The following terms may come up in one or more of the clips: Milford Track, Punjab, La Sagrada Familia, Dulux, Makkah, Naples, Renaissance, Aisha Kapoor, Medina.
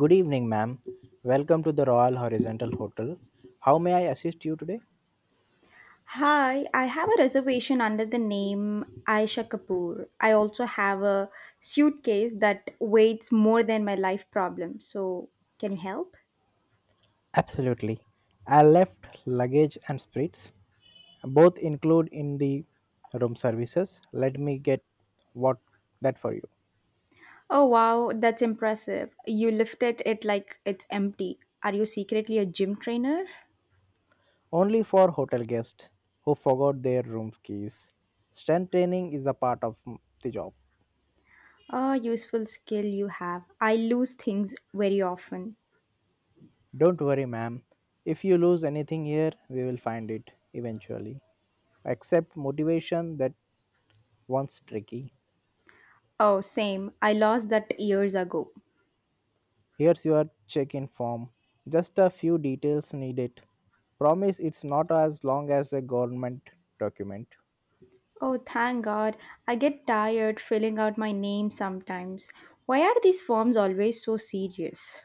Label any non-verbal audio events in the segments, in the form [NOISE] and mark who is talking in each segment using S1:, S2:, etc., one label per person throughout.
S1: Good evening, ma'am. Welcome to the Royal Horizontal Hotel. How may I assist you today?
S2: Hi, I have a reservation under the name Aisha Kapoor. I also have a suitcase that weighs more than my life problem. So, can you help?
S1: Absolutely. I left luggage and spirits, both include in the room services. Let me get what that for you.
S2: Oh, wow, that's impressive. You lifted it like it's empty. Are you secretly a gym trainer?
S1: Only for hotel guests who forgot their room keys. Strength training is a part of the job.
S2: Oh, useful skill you have. I lose things very often.
S1: Don't worry, ma'am. If you lose anything here, we will find it eventually. Accept motivation that once tricky.
S2: Oh, same. I lost that years ago.
S1: Here's your check in form. Just a few details needed. Promise it's not as long as a government document.
S2: Oh, thank God. I get tired filling out my name sometimes. Why are these forms always so serious?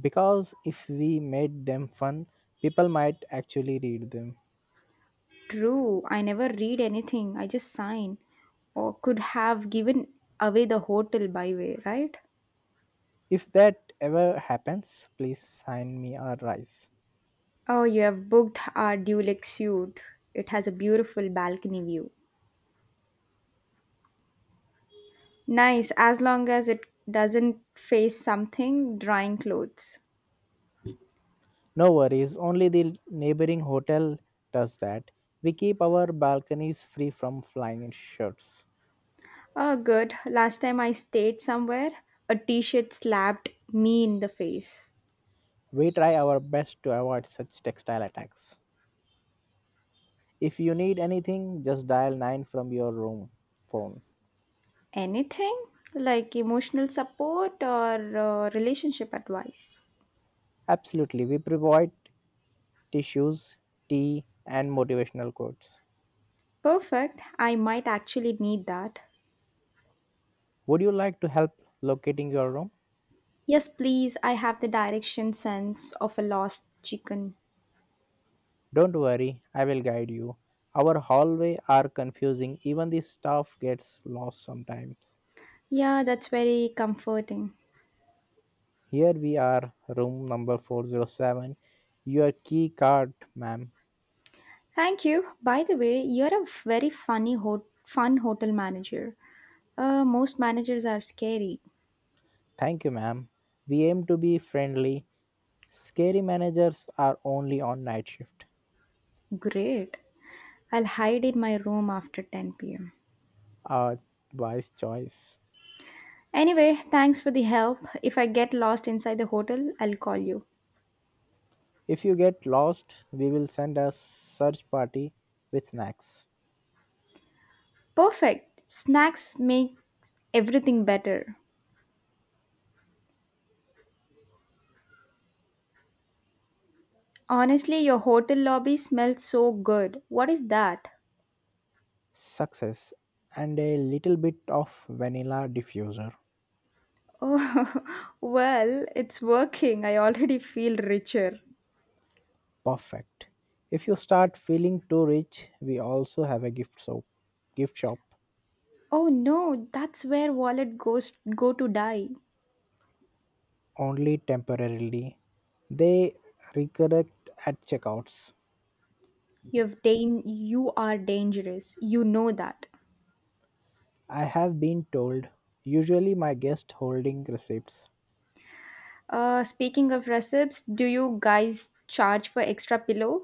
S1: Because if we made them fun, people might actually read them.
S2: True, I never read anything, I just sign. Or could have given away the hotel by way, right?
S1: If that ever happens, please sign me a rise.
S2: Oh, you have booked our Dulux suite. It has a beautiful balcony view. Nice, as long as it doesn't face something drying clothes.
S1: No worries, only the neighboring hotel does that. We keep our balconies free from flying in shirts.
S2: Oh, good. Last time I stayed somewhere, a t shirt slapped me in the face.
S1: We try our best to avoid such textile attacks. If you need anything, just dial 9 from your room phone.
S2: Anything like emotional support or relationship advice?
S1: Absolutely, we provide tissues, tea, and motivational quotes.
S2: Perfect. I might actually need that.
S1: Would you like to help locating your room?
S2: Yes, please. I have the direction sense of a lost chicken.
S1: Don't worry, I will guide you. Our hallway are confusing, even the staff gets lost sometimes.
S2: Yeah, that's very comforting.
S1: Here we are, room number 407. Your key card, ma'am.
S2: Thank you. By the way, you're a very funny fun hotel manager. Most managers are scary.
S1: Thank you, ma'am. We aim to be friendly. Scary managers are only on night shift.
S2: Great. I'll hide in my room after 10 p.m.
S1: A wise choice.
S2: Anyway, thanks for the help. If I get lost inside the hotel, I'll call you.
S1: If you get lost, we will send a search party with snacks,
S2: Perfect. Snacks make everything better. Honestly, your hotel lobby smells so good. What is that?
S1: success, and a little bit of vanilla diffuser.
S2: Oh, [LAUGHS] well, it's working. I already feel richer.
S1: Perfect. If you start feeling too rich, we also have a gift shop. Gift shop
S2: Oh no, that's where wallet goes go to die.
S1: only temporarily. They recorrect at checkouts.
S2: You've dan- you are dangerous. You know that.
S1: I have been told. Usually my guest holding receipts.
S2: Speaking of recipes, do you guys charge for extra pillow?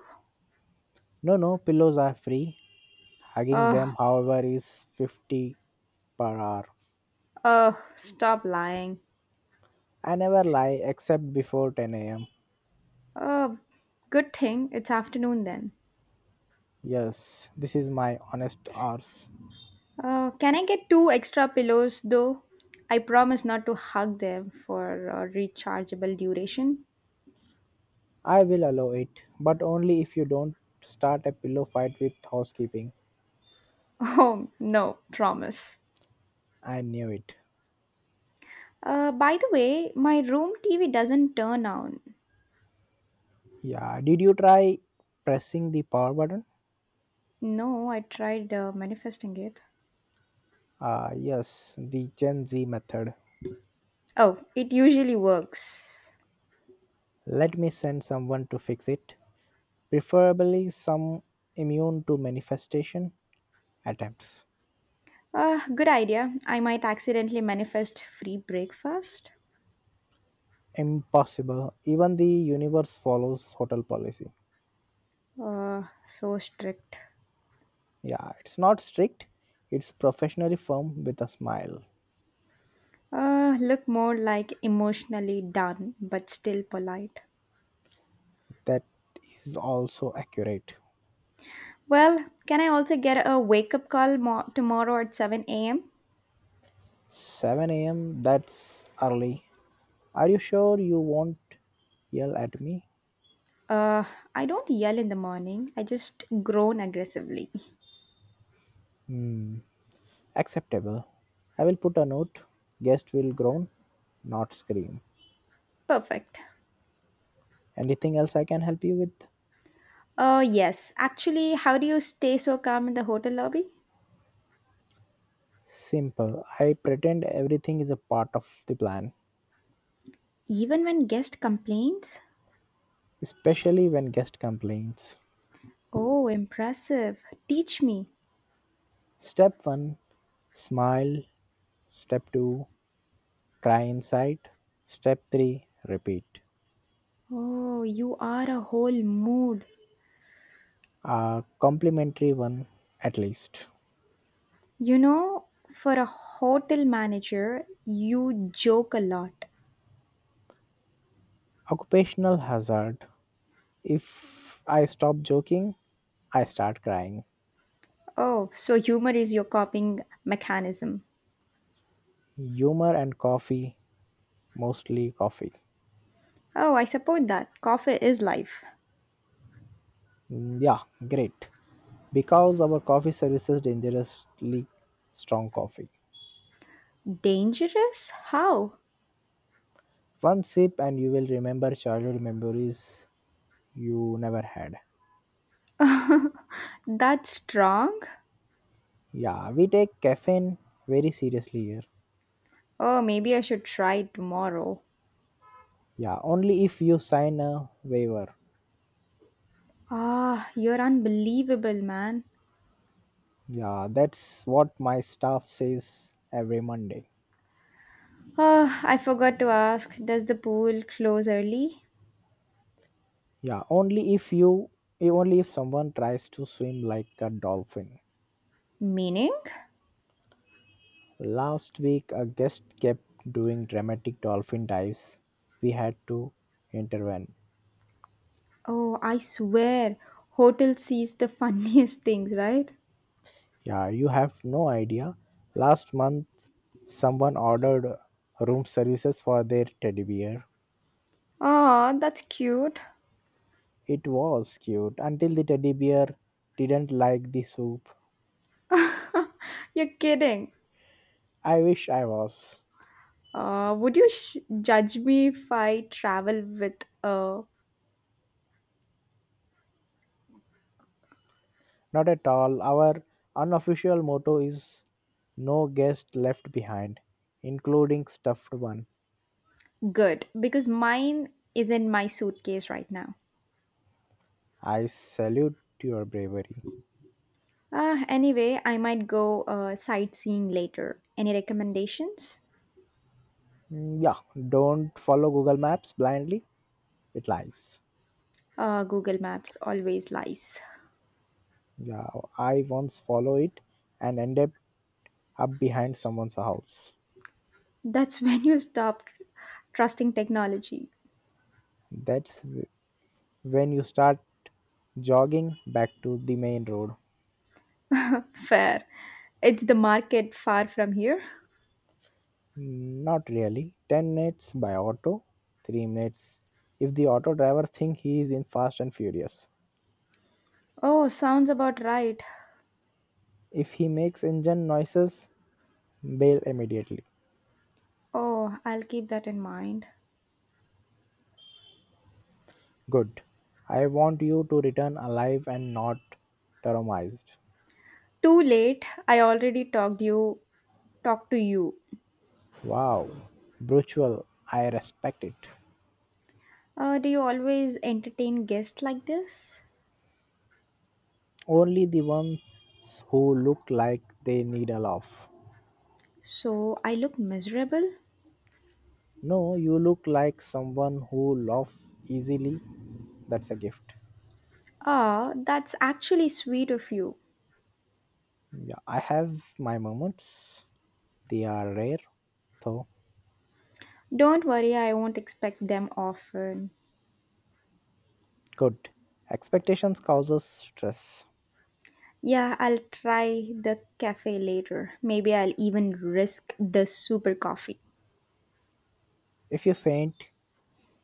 S1: No, no, pillows are free. Hugging
S2: Uh,
S1: them, however, is 50 per hour.
S2: Stop lying.
S1: I never lie except before 10 am.
S2: Uh, Good thing it's afternoon then.
S1: Yes, this is my honest hours.
S2: Can I get two extra pillows though? I promise not to hug them for rechargeable duration. [LAUGHS]
S1: I will allow it, but only if you don't start a pillow fight with housekeeping.
S2: Oh, no, promise.
S1: I knew it.
S2: By the way, my room TV doesn't turn on.
S1: Yeah, did you try pressing the power button?
S2: No, I tried manifesting it.
S1: Ah, yes, the Gen Z method.
S2: Oh, it usually works.
S1: Let me send someone to fix it, preferably some immune to manifestation attempts.
S2: Good idea. I might accidentally manifest free breakfast.
S1: Impossible. Even the universe follows hotel policy.
S2: So strict.
S1: Yeah, it's not strict, it's professionally firm with a smile.
S2: Look more like emotionally done, but still polite.
S1: That is also accurate.
S2: Well, can I also get a wake up call tomorrow at 7 a.m.?
S1: 7 a.m. That's early. Are you sure you won't yell at me?
S2: Uh, I don't yell in the morning, I just groan aggressively.
S1: Hmm, acceptable. I will put a note. Guest will groan, not scream.
S2: Perfect.
S1: Anything else I can help you with?
S2: Yes. Actually, how do you stay so calm in the hotel lobby?
S1: Simple. I pretend everything is a part of the plan,
S2: Even when guest complains?
S1: especially when guest complains.
S2: Oh, impressive. Teach me.
S1: Step 1, smile. Step 2, cry inside. Step 3, repeat.
S2: Oh, you are a whole mood.
S1: A complimentary one at least.
S2: You know, for a hotel manager, you joke a lot.
S1: Occupational hazard. If I stop joking, I start crying.
S2: Oh, so humor is your coping mechanism.
S1: Humor and coffee, mostly coffee.
S2: Oh, I support that. Coffee is life.
S1: Mm, yeah, great. Because our coffee services dangerously strong coffee.
S2: Dangerous? How?
S1: One sip and you will remember childhood memories you never had.
S2: [LAUGHS] That's strong?
S1: Yeah, we take caffeine very seriously here.
S2: Oh, maybe I should try it tomorrow.
S1: Yeah, only if you sign a waiver.
S2: Ah, you're unbelievable, man.
S1: Yeah, that's what my staff says every Monday.
S2: Oh, I forgot to ask, does the pool close early?
S1: Yeah, only if you only if someone tries to swim like a dolphin.
S2: Meaning?
S1: Last week a guest kept doing dramatic dolphin dives. We had to intervene.
S2: Oh, I swear, hotel sees the [LAUGHS] funniest things, right?
S1: Yeah, you have no idea. Last month someone ordered room services for their teddy bear.
S2: Oh, that's cute.
S1: It was cute until the teddy bear didn't like the soup.
S2: [LAUGHS] You're kidding.
S1: I wish I was.
S2: Would you judge me if I travel with a
S1: Not at all. Our unofficial motto is no guest left behind, including stuffed one.
S2: Good, because mine is in my suitcase right now.
S1: I salute your bravery.
S2: Anyway, I might go sightseeing later. Any recommendations?
S1: Mm, yeah, don't follow Google Maps blindly. It lies.
S2: Google Maps always lies.
S1: Yeah, I once follow it and ended up behind someone's house.
S2: [LAUGHS] That's when you stop trusting technology.
S1: That's wh- when you start jogging back to the main road.
S2: Fair. It's the market far from here.
S1: Not really. 10 minutes by auto, 3 minutes if the auto driver thinks he is in Fast and Furious.
S2: Oh, sounds about right.
S1: If he makes engine noises, bail immediately.
S2: Oh, I'll keep that in mind.
S1: Good. I want you to return alive and not traumatized.
S2: Too late. I already talked to you.
S1: Wow. Brutal. I respect it.
S2: Do you always entertain guests like this?
S1: Only the ones who look like they need a laugh.
S2: So I look miserable?
S1: No, you look like someone who laughs easily. That's a gift.
S2: Ah, that's actually sweet of you.
S1: Yeah, I have my moments. They are rare, though
S2: Don't worry, I won't expect them often.
S1: good. Expectations causes stress.
S2: Yeah, I'll try the cafe later. Maybe I'll even risk the super coffee.
S1: If you faint,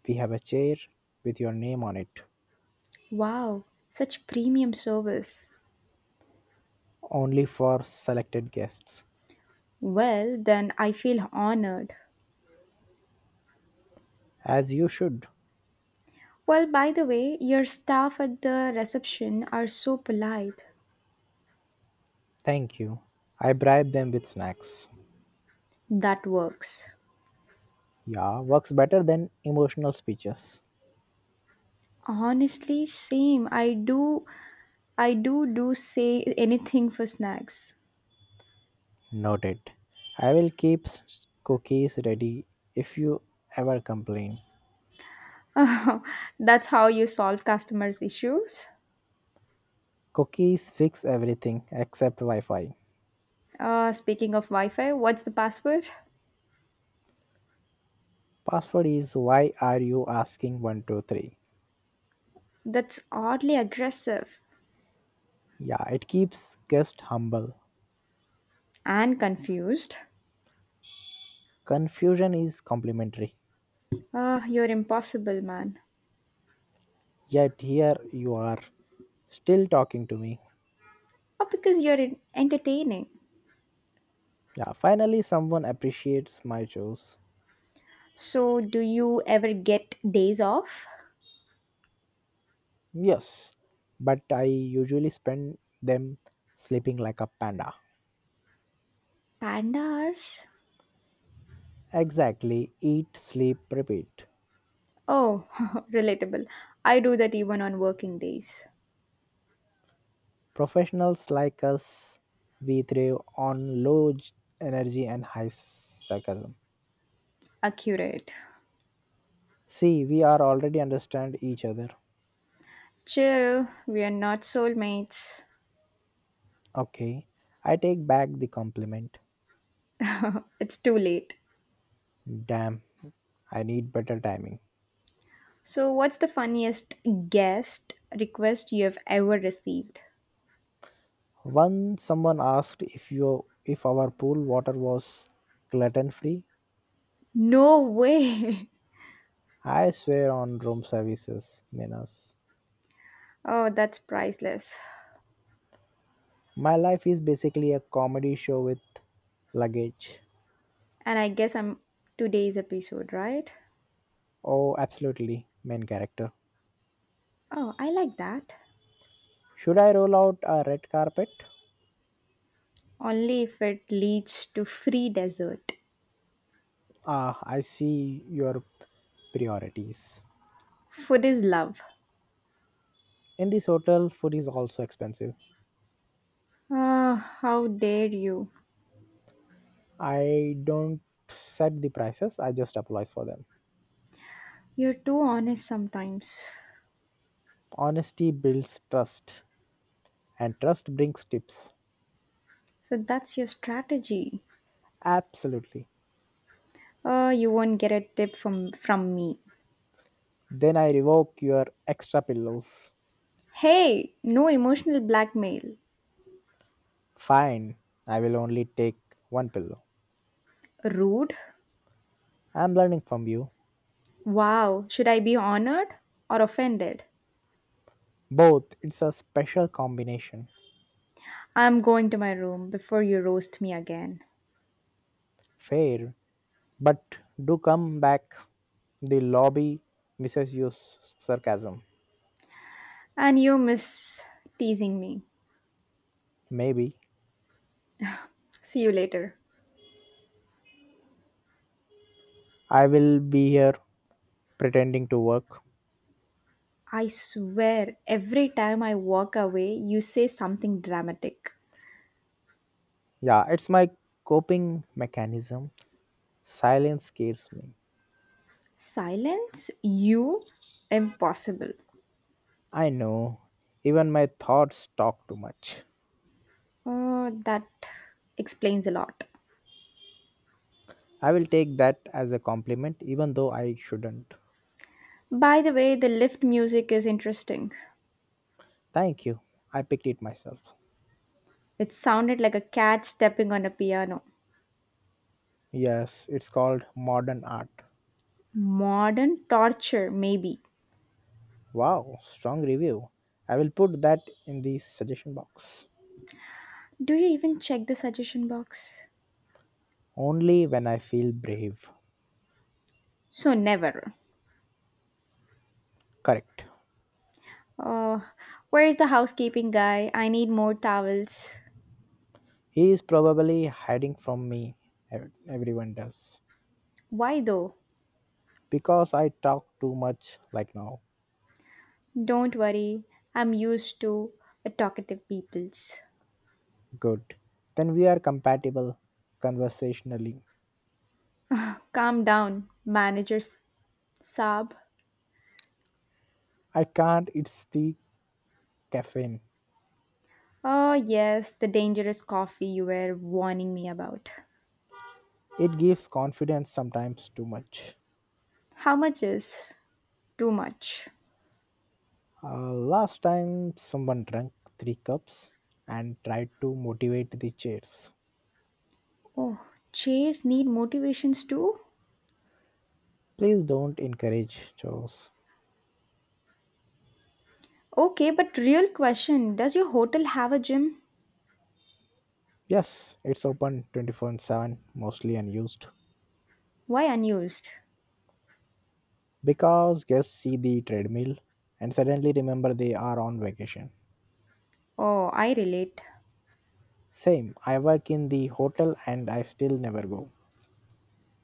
S1: we have a chair with your name on it,
S2: Wow, such premium service.
S1: only for selected guests.
S2: Well, then I feel honored.
S1: As you should.
S2: Well, by the way, your staff at the reception are so polite.
S1: Thank you. I bribe them with snacks.
S2: That works.
S1: Yeah, works better than emotional speeches.
S2: Honestly, same. I do say anything for snacks.
S1: Noted. I will keep cookies ready if you ever complain.
S2: [LAUGHS] That's how you solve customers' issues.
S1: Cookies fix everything except Wi Fi.
S2: Speaking of Wi Fi, what's the password?
S1: Password is why are you asking 123?
S2: That's oddly aggressive
S1: Yeah, it keeps guests humble.
S2: and confused.
S1: Confusion is complimentary.
S2: You're impossible, man.
S1: Yet here you are, still talking to me.
S2: Oh, because entertaining.
S1: Yeah, finally someone appreciates my shows.
S2: So, do you ever get days off?
S1: Yes, but I usually spend them sleeping like a panda.
S2: Pandas?
S1: Exactly, eat, sleep, repeat.
S2: Oh, [LAUGHS] relatable. I do that even on working days.
S1: Professionals like us, we thrive on energy and high sarcasm.
S2: Accurate.
S1: See, we are already understand each other.
S2: Chill, we are not soulmates.
S1: Okay, I take back the compliment.
S2: [LAUGHS] it's too late.
S1: Damn, I need better timing.
S2: So, what's the funniest guest request you have ever received?
S1: Once someone asked if our pool water was gluten free.
S2: No way! [LAUGHS]
S1: I swear on room services, Minas.
S2: Oh, that's priceless.
S1: My life is basically a comedy show with luggage.
S2: And I guess I'm today's episode, right?
S1: Oh, absolutely, main character.
S2: Oh, I like that.
S1: Should I roll out a red carpet?
S2: Only if it leads to free dessert.
S1: Ah, I see your priorities.
S2: Food is love.
S1: In this hotel, food is also expensive.
S2: Ah, how dare you?
S1: I don't set the prices, I just applies for them.
S2: You're too honest sometimes.
S1: Honesty builds trust, and trust brings tips.
S2: So that's your strategy.
S1: Absolutely.
S2: Oh, you won't get a tip from me.
S1: Then I revoke your extra pillows.
S2: Hey, no emotional blackmail.
S1: Fine, I will only take one pillow.
S2: Rude.
S1: I'm learning from you.
S2: Wow, should I be honored or offended?
S1: Both, it's a special combination.
S2: I'm going to my room before you roast me again.
S1: Fair, but do come back. The lobby misses your sarcasm.
S2: And you miss teasing me.
S1: Maybe
S2: See you later.
S1: I will be here pretending to work.
S2: I swear, every time I walk away, you say something dramatic.
S1: Yeah, it's my coping mechanism. Silence scares me.
S2: Silence? You? Impossible.
S1: I know, even my thoughts talk too much.
S2: Oh, that explains a lot.
S1: I will take that as a compliment, even though I shouldn't.
S2: By the way, the lift music is interesting.
S1: Thank you, I picked it myself.
S2: It sounded like a cat stepping on a piano.
S1: Yes, it's called Modern Art.
S2: Modern torture, maybe.
S1: Wow, strong review. I will put that in the suggestion box.
S2: Do you even check the suggestion box?
S1: Only when I feel brave.
S2: So never.
S1: Correct.
S2: Oh, where is the housekeeping guy? I need more towels.
S1: He is probably hiding from me. Everyone does.
S2: Why though?
S1: Because I talk too much like now.
S2: Don't worry. I'm used to a talkative peoples.
S1: Good. Then we are compatible conversationally.
S2: Calm down, Saab.
S1: I can't, it's the caffeine.
S2: Oh yes, the dangerous coffee you were warning me about.
S1: It gives confidence sometimes too much.
S2: How much is? Too much.
S1: Last time someone drank three cups and tried to motivate the chairs.
S2: Oh, chairs need motivations too?
S1: Please don't encourage chores.
S2: Okay, but real question, does your hotel have a gym?
S1: Yes, it's open 24/7, mostly unused.
S2: Why unused?
S1: Because guests see the treadmill and suddenly remember they are on vacation.
S2: Oh, I relate.
S1: Same, I work in the hotel and I still never go.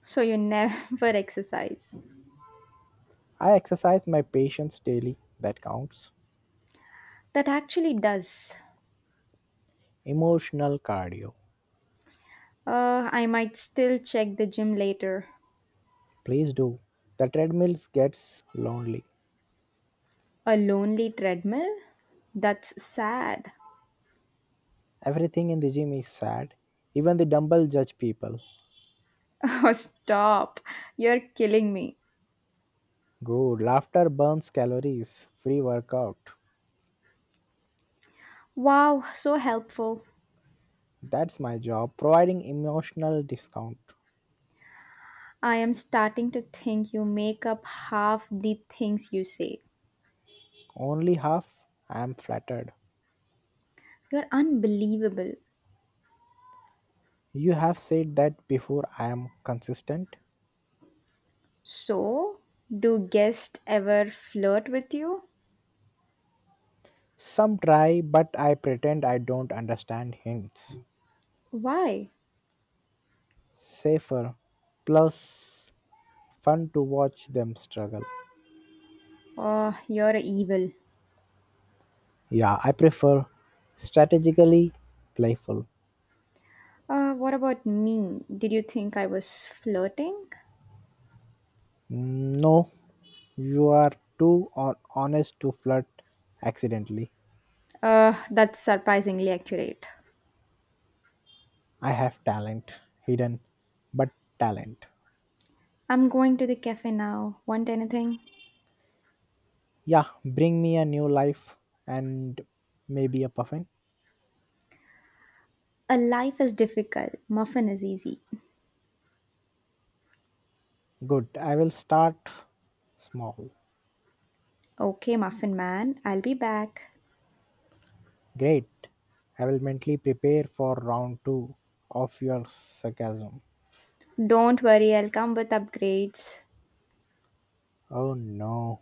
S2: So you never [LAUGHS] exercise.
S1: I exercise my patience daily, that counts.
S2: That actually does.
S1: Emotional cardio.
S2: I might still check the gym later.
S1: Please do. The treadmills gets lonely.
S2: A lonely treadmill? That's sad. [LAUGHS]
S1: Everything in the gym is sad. Even the dumbbell judge people.
S2: Oh, stop. You're killing me.
S1: Good. Laughter burns calories. Free workout.
S2: Wow, so helpful.
S1: That's my job. Providing emotional discount.
S2: I am starting to think you make up half the things you say.
S1: Only half. I am flattered.
S2: You're unbelievable.
S1: You have said that before I am consistent.
S2: So, do guests ever flirt with you?
S1: Some try, but I pretend I don't understand hints.
S2: Why?
S1: Safer. Plus, fun to watch them struggle.
S2: Oh, you're evil.
S1: Yeah, I prefer strategically playful.
S2: What about me? Did you think I was flirting?
S1: Mm, no, you are honest to flirt accidentally.
S2: That's surprisingly accurate.
S1: I have talent, hidden, but talent.
S2: I'm going to the cafe now. Want anything?
S1: Yeah, bring me a new life and maybe a puffin.
S2: A life is difficult. Muffin is easy.
S1: Good, I will start small.
S2: Okay, muffin man, I'll be back.
S1: Great, I will mentally prepare for round two of your sarcasm.
S2: Don't worry, I'll come with upgrades.
S1: Oh no.